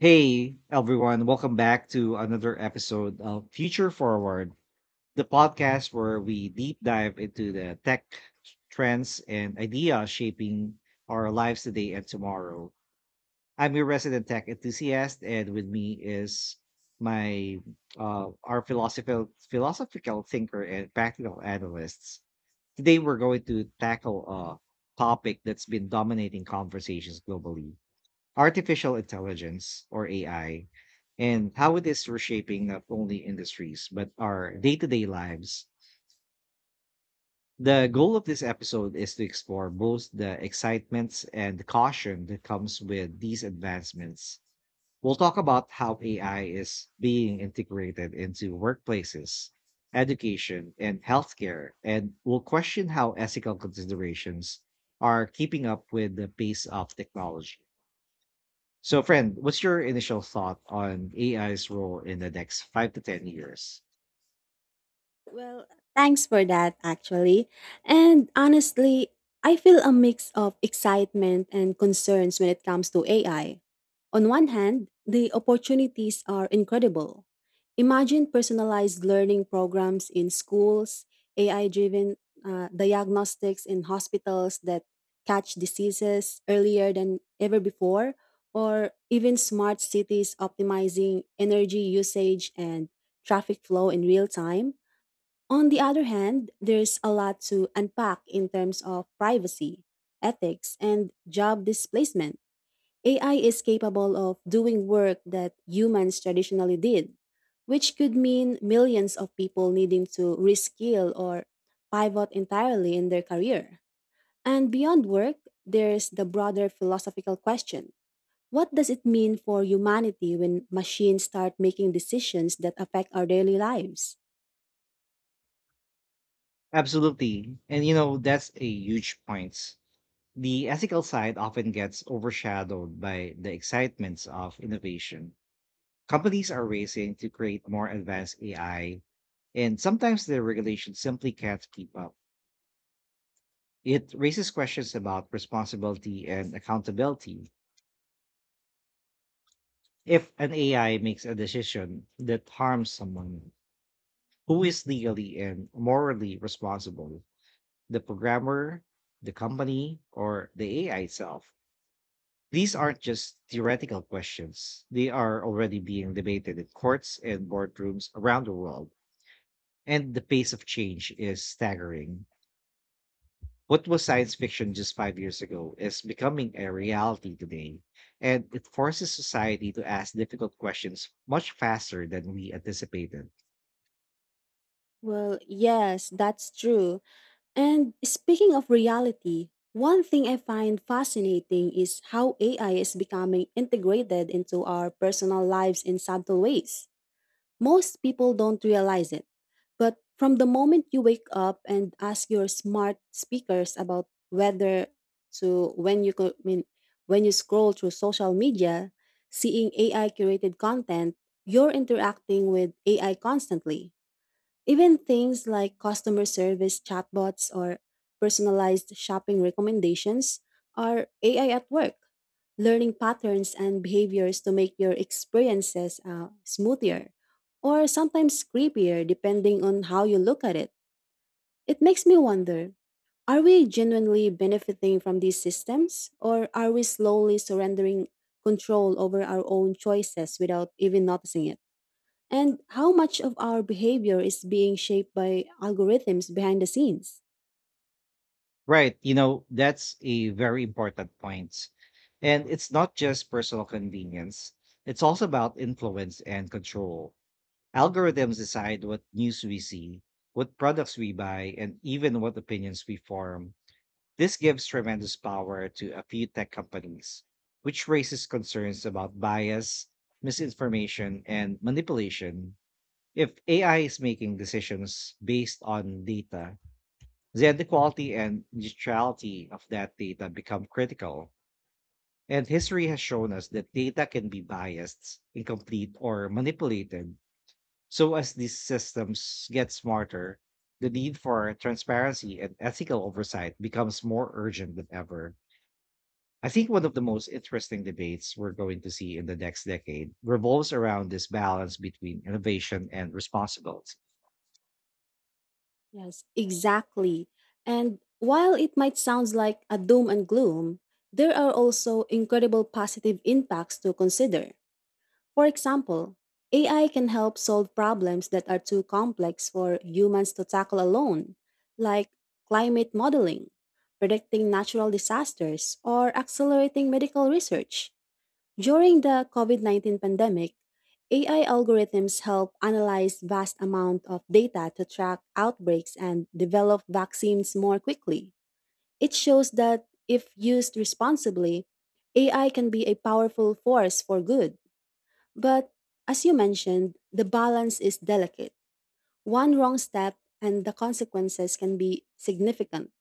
Hey everyone, welcome back to another episode of Future Forward, the podcast where we deep dive into the tech trends and ideas shaping our lives today and tomorrow. I'm your resident tech enthusiast, and with me is my our philosophical thinker and practical analysts. Today we're going to tackle a topic that's been dominating conversations globally: artificial intelligence, or AI, and how it is reshaping not only industries but our day to day lives. The goal of this episode is to explore both the excitements and the caution that comes with these advancements. We'll talk about how AI is being integrated into workplaces, education, and healthcare, and we'll question how ethical considerations are keeping up with the pace of technology. So, friend, what's your initial thought on AI's role in the next 5 to 10 years? Well, thanks for that, actually. And honestly, I feel a mix of excitement and concerns when it comes to AI. On one hand, the opportunities are incredible. Imagine personalized learning programs in schools, AI driven diagnostics in hospitals that catch diseases earlier than ever before, or even smart cities optimizing energy usage and traffic flow in real time. On the other hand, there's a lot to unpack in terms of privacy, ethics, and job displacement. AI is capable of doing work that humans traditionally did, which could mean millions of people needing to reskill or pivot entirely in their career. And beyond work, there's the broader philosophical question. What does it mean for humanity when machines start making decisions that affect our daily lives? Absolutely. And, you know, that's a huge point. The ethical side often gets overshadowed by the excitements of innovation. Companies are racing to create more advanced AI, and sometimes the regulations simply can't keep up. It raises questions about responsibility and accountability. If an AI makes a decision that harms someone, who is legally and morally responsible? The programmer, the company, or the AI itself? These aren't just theoretical questions. They are already being debated in courts and boardrooms around the world, and the pace of change is staggering. What was science fiction just 5 years ago is becoming a reality today, and it forces society to ask difficult questions much faster than we anticipated. Well, yes, that's true. And speaking of reality, one thing I find fascinating is how AI is becoming integrated into our personal lives in subtle ways. Most people don't realize it. But from the moment you wake up and ask your smart speakers about whether to when you co- I mean when you scroll through social media, seeing AI curated content, you're interacting with AI constantly. Even things like customer service chatbots or personalized shopping recommendations are AI at work, learning patterns and behaviors to make your experiences smoother or sometimes creepier depending on how you look at it. It makes me wonder, are we genuinely benefiting from these systems, or are we slowly surrendering control over our own choices without even noticing it? And how much of our behavior is being shaped by algorithms behind the scenes? Right. You know, that's a very important point. And it's not just personal convenience, it's also about influence and control. Algorithms decide what news we see, what products we buy, and even what opinions we form. This gives tremendous power to a few tech companies, which raises concerns about bias, misinformation, and manipulation. If AI is making decisions based on data, then the quality and neutrality of that data become critical. And history has shown us that data can be biased, incomplete, or manipulated. So as these systems get smarter, the need for transparency and ethical oversight becomes more urgent than ever. I think one of the most interesting debates we're going to see in the next decade revolves around this balance between innovation and responsibility. Yes, exactly. And while it might sound like a doom and gloom, there are also incredible positive impacts to consider. For example, AI can help solve problems that are too complex for humans to tackle alone, like climate modeling, predicting natural disasters, or accelerating medical research. During the COVID-19 pandemic, AI algorithms help analyze vast amount of data to track outbreaks and develop vaccines more quickly. It shows that if used responsibly, AI can be a powerful force for good. But as you mentioned, the balance is delicate. One wrong step and the consequences can be significant.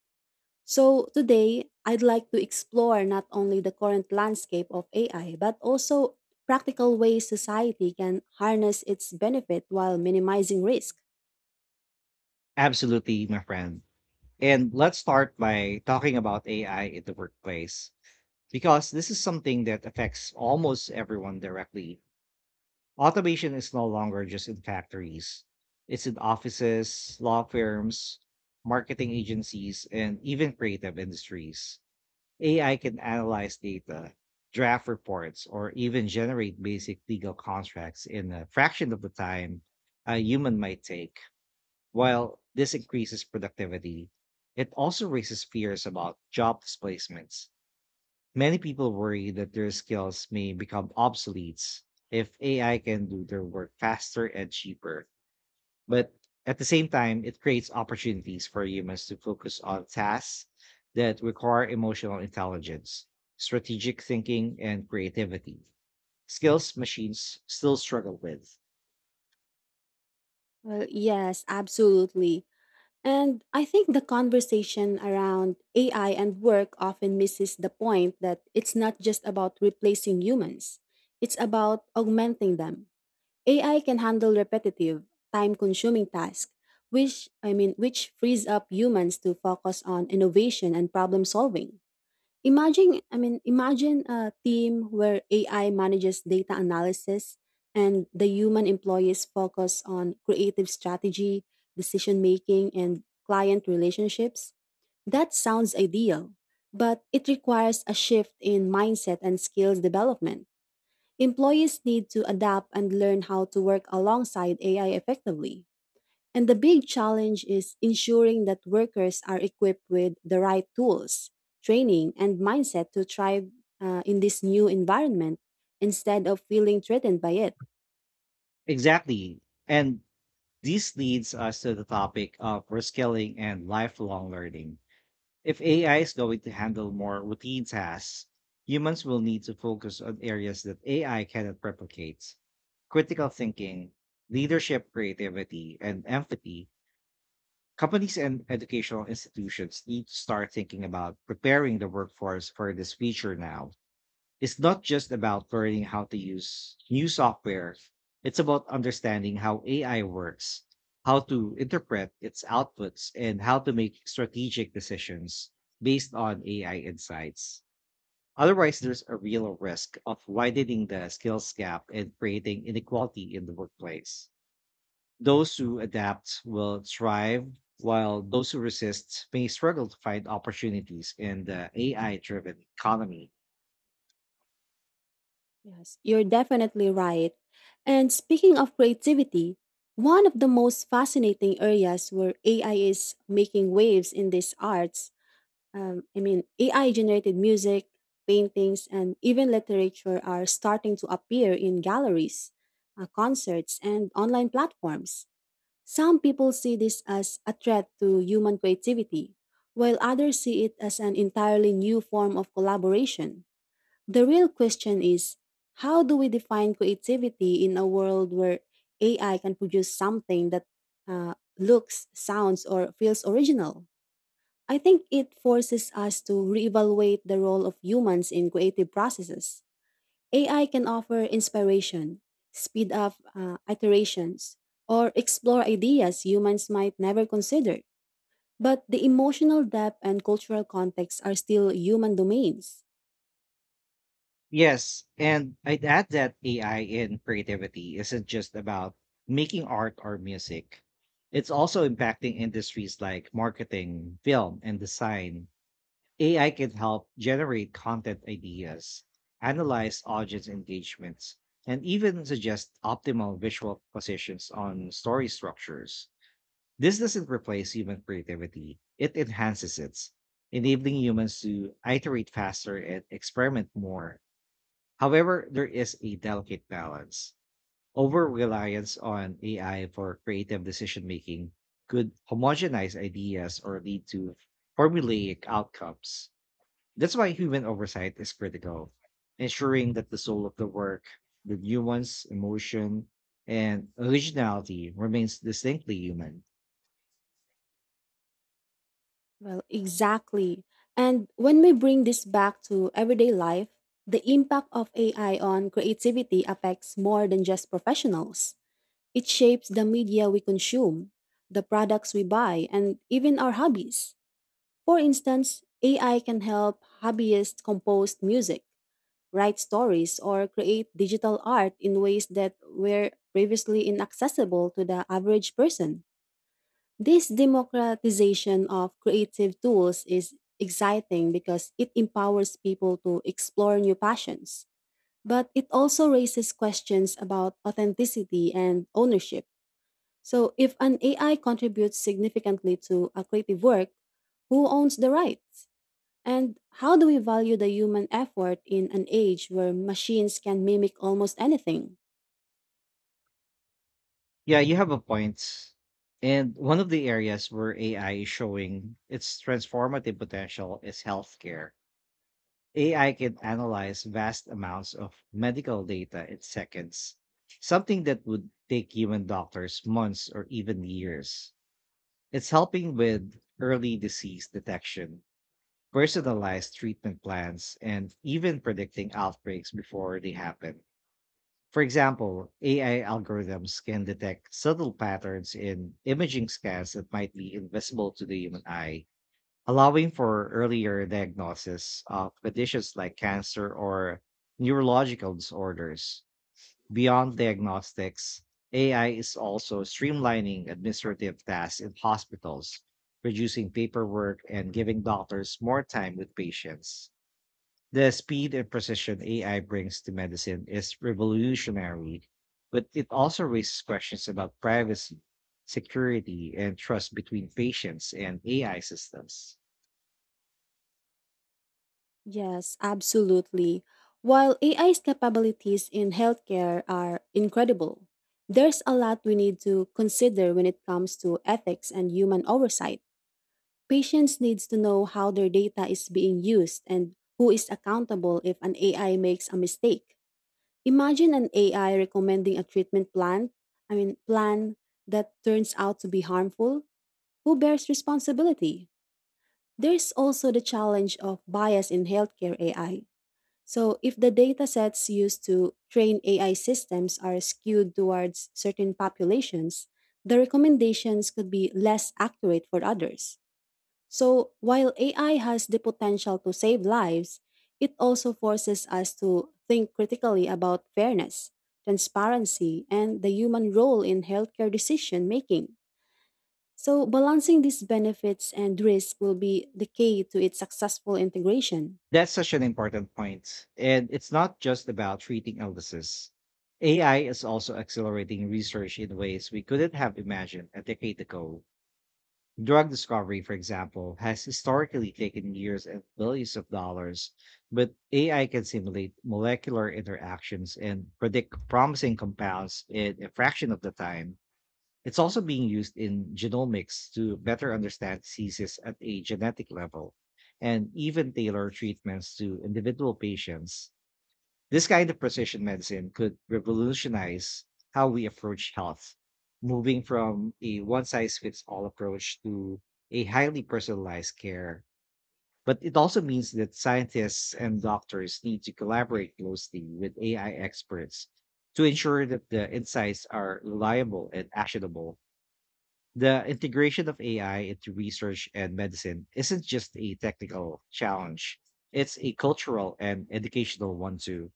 So, today, I'd like to explore not only the current landscape of AI, but also practical ways society can harness its benefit while minimizing risk. Absolutely, my friend. And let's start by talking about AI in the workplace, because this is something that affects almost everyone directly. Automation is no longer just in factories, it's in offices, law firms, marketing agencies, and even creative industries. AI can analyze data, draft reports, or even generate basic legal contracts in a fraction of the time a human might take. While this increases productivity, it also raises fears about job displacements. Many people worry that their skills may become obsolete if AI can do their work faster and cheaper. But at the same time, it creates opportunities for humans to focus on tasks that require emotional intelligence, strategic thinking, and creativity. Skills machines still struggle with. Well, yes, absolutely. And I think the conversation around AI and work often misses the point that it's not just about replacing humans, it's about augmenting them. AI can handle repetitive, time-consuming tasks, which frees up humans to focus on innovation and problem solving. Imagine a team where AI manages data analysis and the human employees focus on creative strategy, decision making, and client relationships. That sounds ideal, but it requires a shift in mindset and skills development. Employees need to adapt and learn how to work alongside AI effectively. And the big challenge is ensuring that workers are equipped with the right tools, training, and mindset to thrive in this new environment instead of feeling threatened by it. Exactly. And this leads us to the topic of reskilling and lifelong learning. If AI is going to handle more routine tasks, humans will need to focus on areas that AI cannot replicate. Critical thinking, leadership, creativity, and empathy. Companies and educational institutions need to start thinking about preparing the workforce for this future now. It's not just about learning how to use new software, it's about understanding how AI works, how to interpret its outputs, and how to make strategic decisions based on AI insights. Otherwise, there's a real risk of widening the skills gap and creating inequality in the workplace. Those who adapt will thrive, while those who resist may struggle to find opportunities in the AI driven economy. Yes, you're definitely right. And speaking of creativity, one of the most fascinating areas where AI is making waves in these arts AI generated music, paintings, and even literature are starting to appear in galleries, concerts, and online platforms. Some people see this as a threat to human creativity, while others see it as an entirely new form of collaboration. The real question is, how do we define creativity in a world where AI can produce something that looks, sounds, or feels original? I think it forces us to reevaluate the role of humans in creative processes. AI can offer inspiration, speed up iterations, or explore ideas humans might never consider. But the emotional depth and cultural context are still human domains. Yes, and I'd add that AI in creativity isn't just about making art or music. It's also impacting industries like marketing, film, and design. AI can help generate content ideas, analyze audience engagements, and even suggest optimal visual positions on story structures. This doesn't replace human creativity, it enhances it, enabling humans to iterate faster and experiment more. However, there is a delicate balance. Over reliance on AI for creative decision making could homogenize ideas or lead to formulaic outcomes. That's why human oversight is critical, ensuring that the soul of the work, the nuance, emotion, and originality remains distinctly human. Well, exactly. And when we bring this back to everyday life, the impact of AI on creativity affects more than just professionals. It shapes the media we consume, the products we buy, and even our hobbies. For instance, AI can help hobbyists compose music, write stories, or create digital art in ways that were previously inaccessible to the average person. This democratization of creative tools is exciting because it empowers people to explore new passions, but it also raises questions about authenticity and ownership. So, if an AI contributes significantly to a creative work, who owns the rights? And how do we value the human effort in an age where machines can mimic almost anything? Yeah, you have a point. And one of the areas where AI is showing its transformative potential is healthcare. AI can analyze vast amounts of medical data in seconds, something that would take human doctors months or even years. It's helping with early disease detection, personalized treatment plans, and even predicting outbreaks before they happen. For example, AI algorithms can detect subtle patterns in imaging scans that might be invisible to the human eye, allowing for earlier diagnosis of conditions like cancer or neurological disorders. Beyond diagnostics, AI is also streamlining administrative tasks in hospitals, reducing paperwork and giving doctors more time with patients. The speed and precision AI brings to medicine is revolutionary, but it also raises questions about privacy, security, and trust between patients and AI systems. Yes, absolutely. While AI's capabilities in healthcare are incredible, there's a lot we need to consider when it comes to ethics and human oversight. Patients needs to know how their data is being used and who is accountable if an AI makes a mistake. Imagine an AI recommending a treatment plan that turns out to be harmful. Who bears responsibility? There's also the challenge of bias in healthcare AI. So, if the data sets used to train AI systems are skewed towards certain populations, the recommendations could be less accurate for others. So, while AI has the potential to save lives, it also forces us to think critically about fairness, transparency, and the human role in healthcare decision making. So, balancing these benefits and risks will be the key to its successful integration. That's such an important point. And it's not just about treating illnesses. AI is also accelerating research in ways we couldn't have imagined a decade ago. Drug discovery, for example, has historically taken years and billions of dollars, but AI can simulate molecular interactions and predict promising compounds in a fraction of the time. It's also being used in genomics to better understand diseases at a genetic level and even tailor treatments to individual patients. This kind of precision medicine could revolutionize how we approach health, moving from a one size fits all approach to a highly personalized care. But it also means that scientists and doctors need to collaborate closely with AI experts to ensure that the insights are reliable and actionable. The integration of AI into research and medicine isn't just a technical challenge, it's a cultural and educational one too.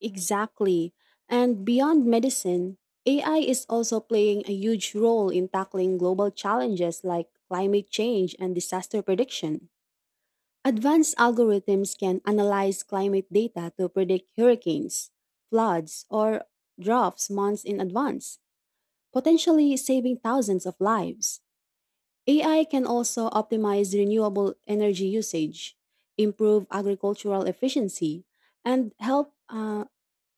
Exactly. And beyond medicine, AI is also playing a huge role in tackling global challenges like climate change and disaster prediction. Advanced algorithms can analyze climate data to predict hurricanes, floods, or droughts months in advance, potentially saving thousands of lives. AI can also optimize renewable energy usage, improve agricultural efficiency, and help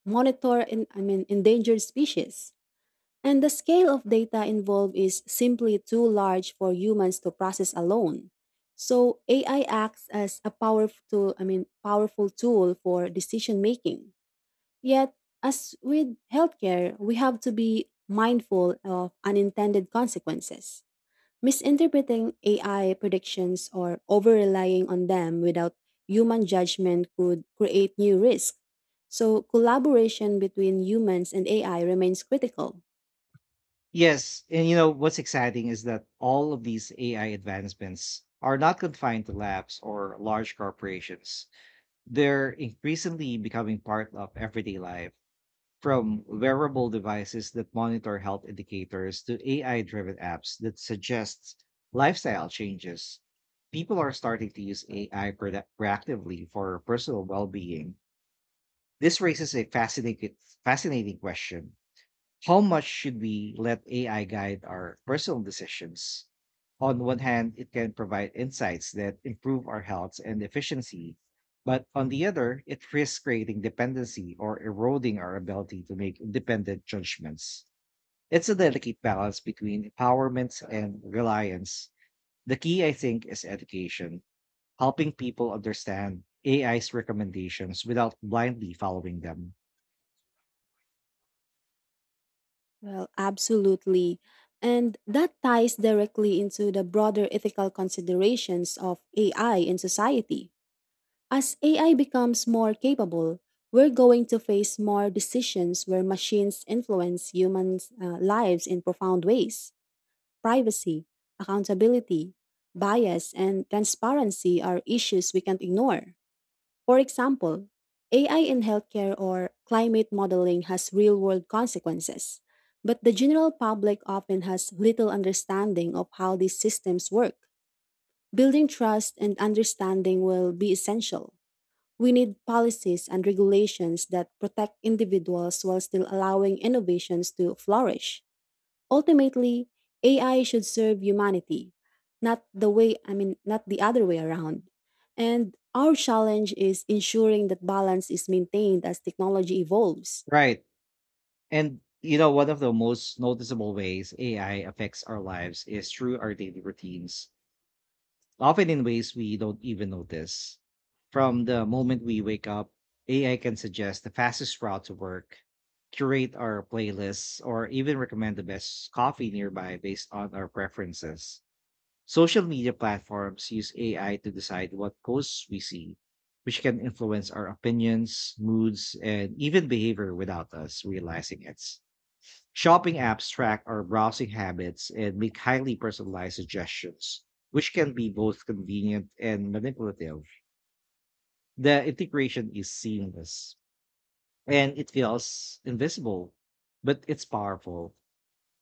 monitor endangered species. And the scale of data involved is simply too large for humans to process alone. So AI acts as a powerful tool for decision making. Yet, as with healthcare, we have to be mindful of unintended consequences. Misinterpreting AI predictions or over relying on them without human judgment could create new risk. So collaboration between humans and AI remains critical. Yes, and you know what's exciting is that all of these AI advancements are not confined to labs or large corporations. They're increasingly becoming part of everyday life. From wearable devices that monitor health indicators to AI driven apps that suggest lifestyle changes, people are starting to use AI proactively for personal well being. This raises a fascinating question: how much should we let AI guide our personal decisions? On one hand, it can provide insights that improve our health and efficiency, but on the other, it risks creating dependency or eroding our ability to make independent judgments. It's a delicate balance between empowerment and reliance. The key, I think, is education, helping people understand AI's recommendations without blindly following them. Well, absolutely. And that ties directly into the broader ethical considerations of AI in society. As AI becomes more capable, we're going to face more decisions where machines influence humans' lives in profound ways. Privacy, accountability, bias, and transparency are issues we can't ignore. For example, AI in healthcare or climate modeling has real world consequences, but the general public often has little understanding of how these systems work. Building trust and understanding will be essential. We need policies and regulations that protect individuals while still allowing innovations to flourish. Ultimately, AI should serve humanity, not the way, I mean, not the other way around. And our challenge is ensuring that balance is maintained as technology evolves. Right. And you know, one of the most noticeable ways AI affects our lives is through our daily routines, often in ways we don't even notice. From the moment we wake up, AI can suggest the fastest route to work, curate our playlists, or even recommend the best coffee nearby based on our preferences. Social media platforms use AI to decide what posts we see, which can influence our opinions, moods, and even behavior without us realizing it. Shopping apps track our browsing habits and make highly personalized suggestions, which can be both convenient and manipulative. The integration is seamless and it feels invisible, but it's powerful.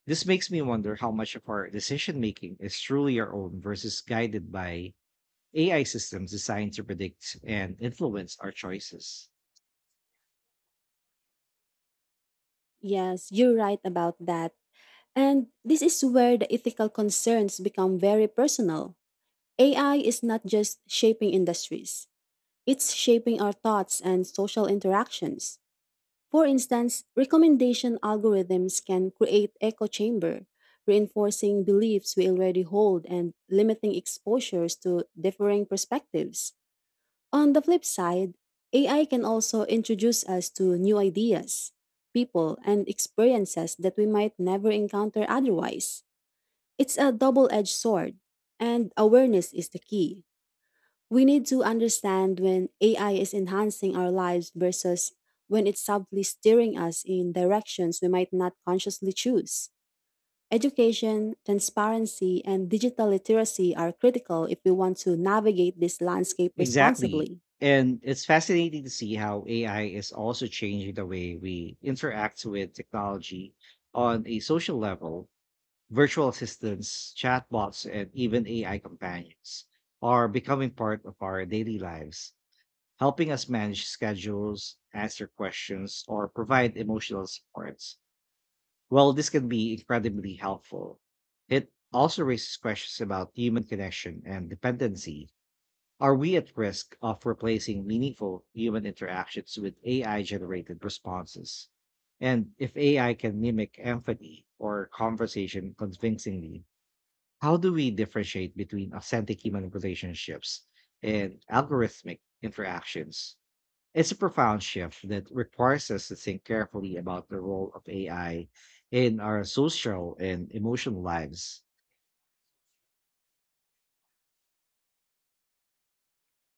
This makes me wonder how much of our decision making is truly our own versus guided by AI systems designed to predict and influence our choices. Yes, you're right about that. And this is where the ethical concerns become very personal. AI is not just shaping industries, it's shaping our thoughts and social interactions. For instance, recommendation algorithms can create echo chamber, reinforcing beliefs we already hold and limiting exposures to differing perspectives. On the flip side, AI can also introduce us to new ideas, people, and experiences that we might never encounter otherwise. It's a double edged sword, and awareness is the key. We need to understand when AI is enhancing our lives versus when it's subtly steering us in directions we might not consciously choose. Education, transparency, and digital literacy are critical if we want to navigate this landscape Exactly. responsibly. And it's fascinating to see how AI is also changing the way we interact with technology on a social level. Virtual assistants, chatbots, and even AI companions are becoming part of our daily lives, helping us manage schedules, answer questions, or provide emotional support. While this can be incredibly helpful, it also raises questions about human connection and dependency. Are we at risk of replacing meaningful human interactions with AI generated responses? And if AI can mimic empathy or conversation convincingly, how do we differentiate between authentic human relationships and algorithmic interactions? It's a profound shift that requires us to think carefully about the role of AI in our social and emotional lives.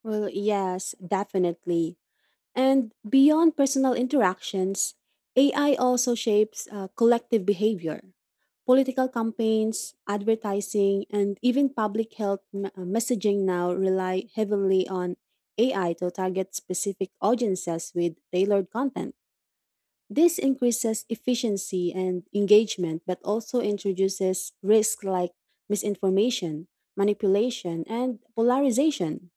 Well, yes, definitely. And beyond personal interactions, AI also shapes collective behavior. Political campaigns, advertising, and even public health messaging now rely heavily on AI to target specific audiences with tailored content. This increases efficiency and engagement, but also introduces risks like misinformation, manipulation, and polarization.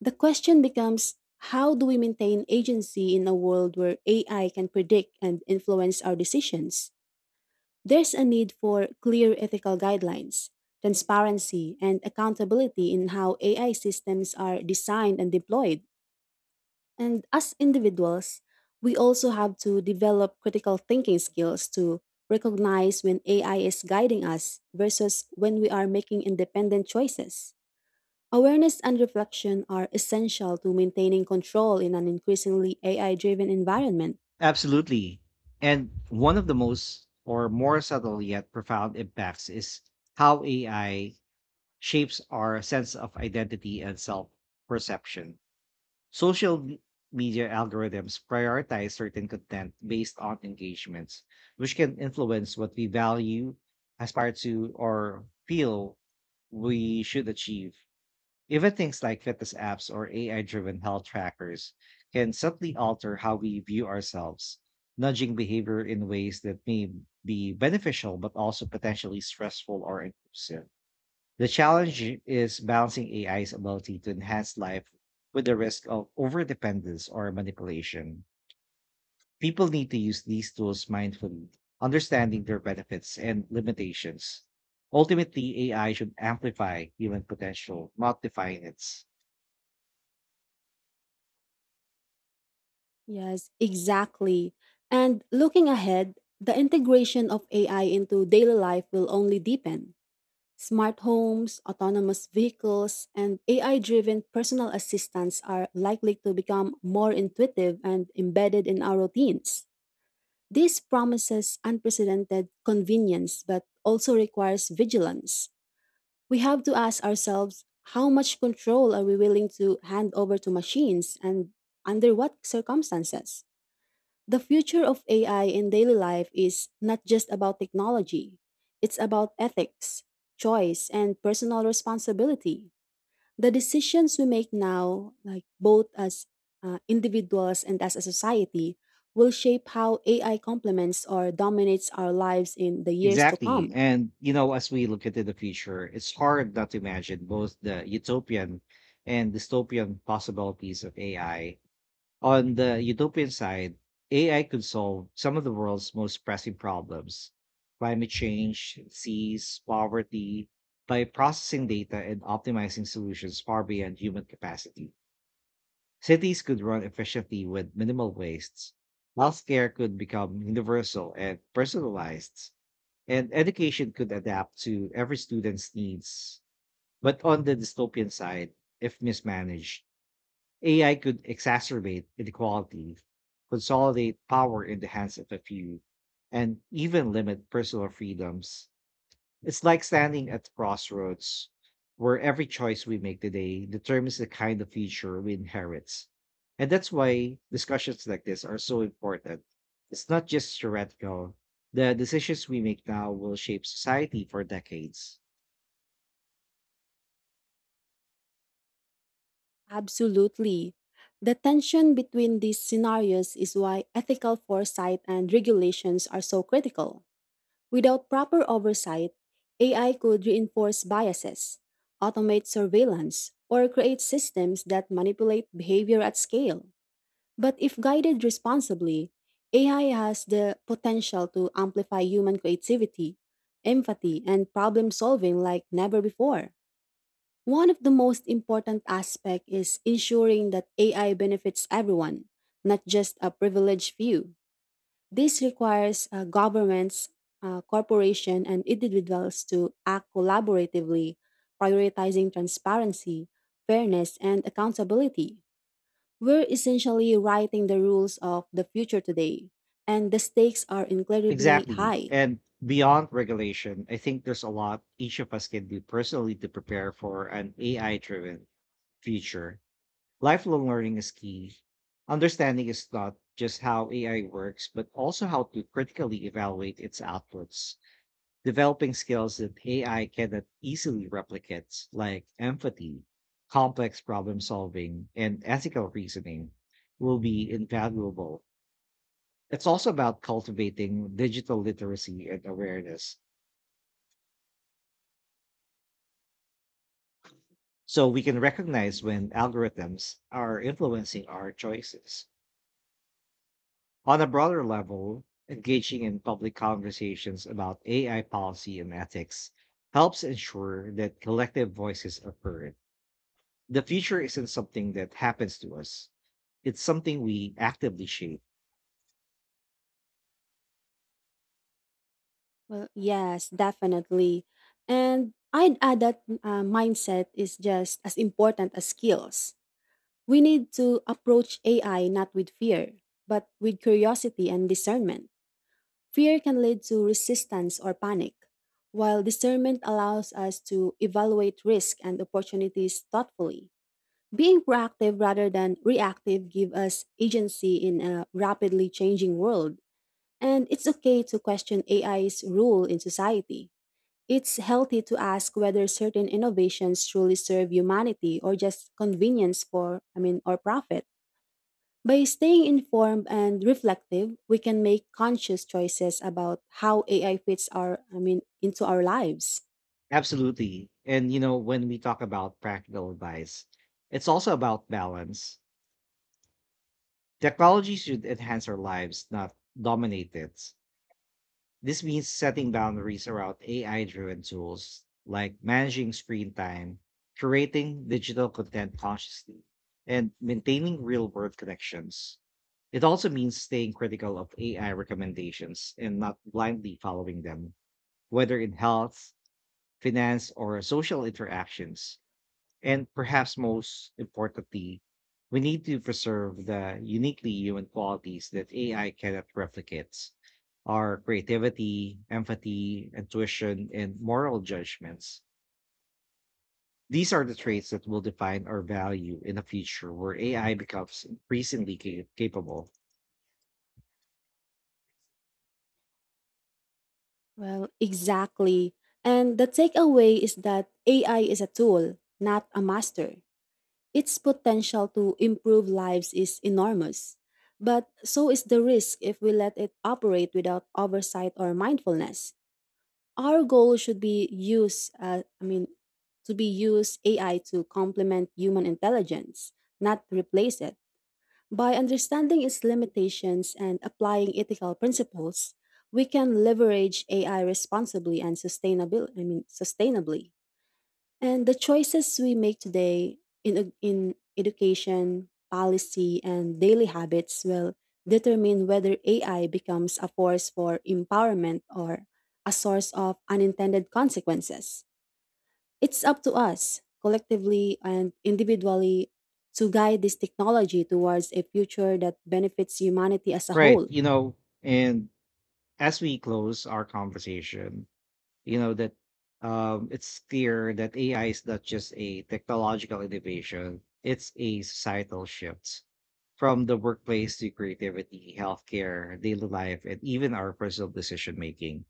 The question becomes, how do we maintain agency in a world where AI can predict and influence our decisions? There's a need for clear ethical guidelines, transparency, and accountability in how AI systems are designed and deployed. And as individuals, we also have to develop critical thinking skills to recognize when AI is guiding us versus when we are making independent choices. Awareness and reflection are essential to maintaining control in an increasingly AI driven environment. Absolutely. And one of the most or more subtle yet profound impacts is how AI shapes our sense of identity and self perception. Social me- media algorithms prioritize certain content based on engagements, which can influence what we value, aspire to, or feel we should achieve. Even things like fitness apps or AI driven health trackers can subtly alter how we view ourselves, nudging behavior in ways that may be beneficial but also potentially stressful or intrusive. The challenge is balancing AI's ability to enhance life with the risk of overdependence or manipulation. People need to use these tools mindfully, understanding their benefits and limitations. Ultimately, AI should amplify human potential, not define it. Yes, exactly. And looking ahead, the integration of AI into daily life will only deepen. Smart homes, autonomous vehicles, and AI driven personal assistants are likely to become more intuitive and embedded in our routines. This promises unprecedented convenience but also requires vigilance. We have to ask ourselves, how much control are we willing to hand over to machines, and under what circumstances? The future of AI in daily life is not just about technology, it's about ethics, choice, and personal responsibility. The decisions we make now, like both as individuals and as a society, will shape how AI complements or dominates our lives in the years to Exactly. come. And, you know, as we look into the future, it's hard not to imagine both the utopian and dystopian possibilities of AI. On the utopian side, AI could solve some of the world's most pressing problems: climate change, disease, poverty, by processing data and optimizing solutions far beyond human capacity. Cities could run efficiently with minimal wastes. Healthcare could become universal and personalized, and education could adapt to every student's needs. But on the dystopian side, if mismanaged, AI could exacerbate inequality, consolidate power in the hands of a few, and even limit personal freedoms. It's like standing at crossroads where every choice we make today determines the kind of future we inherit. And that's why discussions like this are so important. It's not just theoretical. The decisions we make now will shape society for decades. Absolutely. The tension between these scenarios is why ethical foresight and regulations are so critical. Without proper oversight, AI could reinforce biases, automate surveillance, or create systems that manipulate behavior at scale. But if guided responsibly, AI has the potential to amplify human creativity, empathy, and problem solving like never before. One of the most important aspects is ensuring that AI benefits everyone, not just a privileged few. This requires governments, corporations, and individuals to act collaboratively, prioritizing transparency, fairness, and accountability. We're essentially writing the rules of the future today, and the stakes are incredibly Exactly. high. And beyond regulation, I think there's a lot each of us can do personally to prepare for an AI driven future. Lifelong learning is key. Understanding is not just how AI works, but also how to critically evaluate its outputs, developing skills that AI cannot easily replicate, like empathy, complex problem solving, and ethical reasoning, will be invaluable. It's also about cultivating digital literacy and awareness so we can recognize when algorithms are influencing our choices. On a broader level, engaging in public conversations about AI policy and ethics helps ensure that collective voices are heard. The future isn't something that happens to us, it's something we actively shape. Well, yes, definitely. And I'd add that mindset is just as important as skills. We need to approach AI not with fear, but with curiosity and discernment. Fear can lead to resistance or panic, while discernment allows us to evaluate risk and opportunities thoughtfully. Being proactive rather than reactive gives us agency in a rapidly changing world, and it's okay to question AI's rule in society. It's healthy to ask whether certain innovations truly serve humanity or just convenience or profit. By staying informed and reflective, we can make conscious choices about how AI fits into our lives. Absolutely. And, you know, when we talk about practical advice, it's also about balance. Technology should enhance our lives, not dominate it. This means setting boundaries around AI driven tools like managing screen time, curating digital content consciously, and maintaining real world connections. It also means staying critical of AI recommendations and not blindly following them, whether in health, finance, or social interactions. And perhaps most importantly, we need to preserve the uniquely human qualities that AI cannot replicate: our creativity, empathy, intuition, and moral judgments. These are the traits that will define our value in a future where AI becomes increasingly capable. Well, exactly. And the takeaway is that AI is a tool, not a master. Its potential to improve lives is enormous, but so is the risk if we let it operate without oversight or mindfulness. Our goal should be use I mean to be use AI to complement human intelligence, not replace it. By understanding its limitations and applying ethical principles, we can leverage AI responsibly and sustainably I mean sustainably And the choices we make today in, ed- in education, policy, and daily habits will determine whether AI becomes a force for empowerment or a source of unintended consequences. It's up to us, collectively and individually, to guide this technology towards a future that benefits humanity as a Right. whole. You know, and as we close our conversation, you know that it's clear that AI is not just a technological innovation; it's a societal shift. From the workplace to creativity, healthcare, daily life, and even our personal decision making,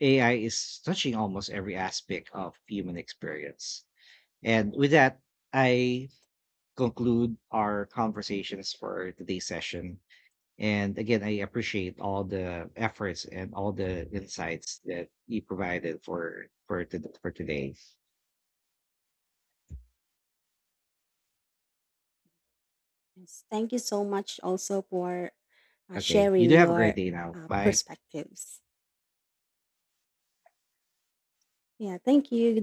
AI is touching almost every aspect of human experience. And with that, I conclude our conversations for today's session. And again, I appreciate all the efforts and all the insights that you provided for today. Yes, thank you so much also for Okay, you sharing do have a great your day now. Bye. perspectives. Yeah, thank you.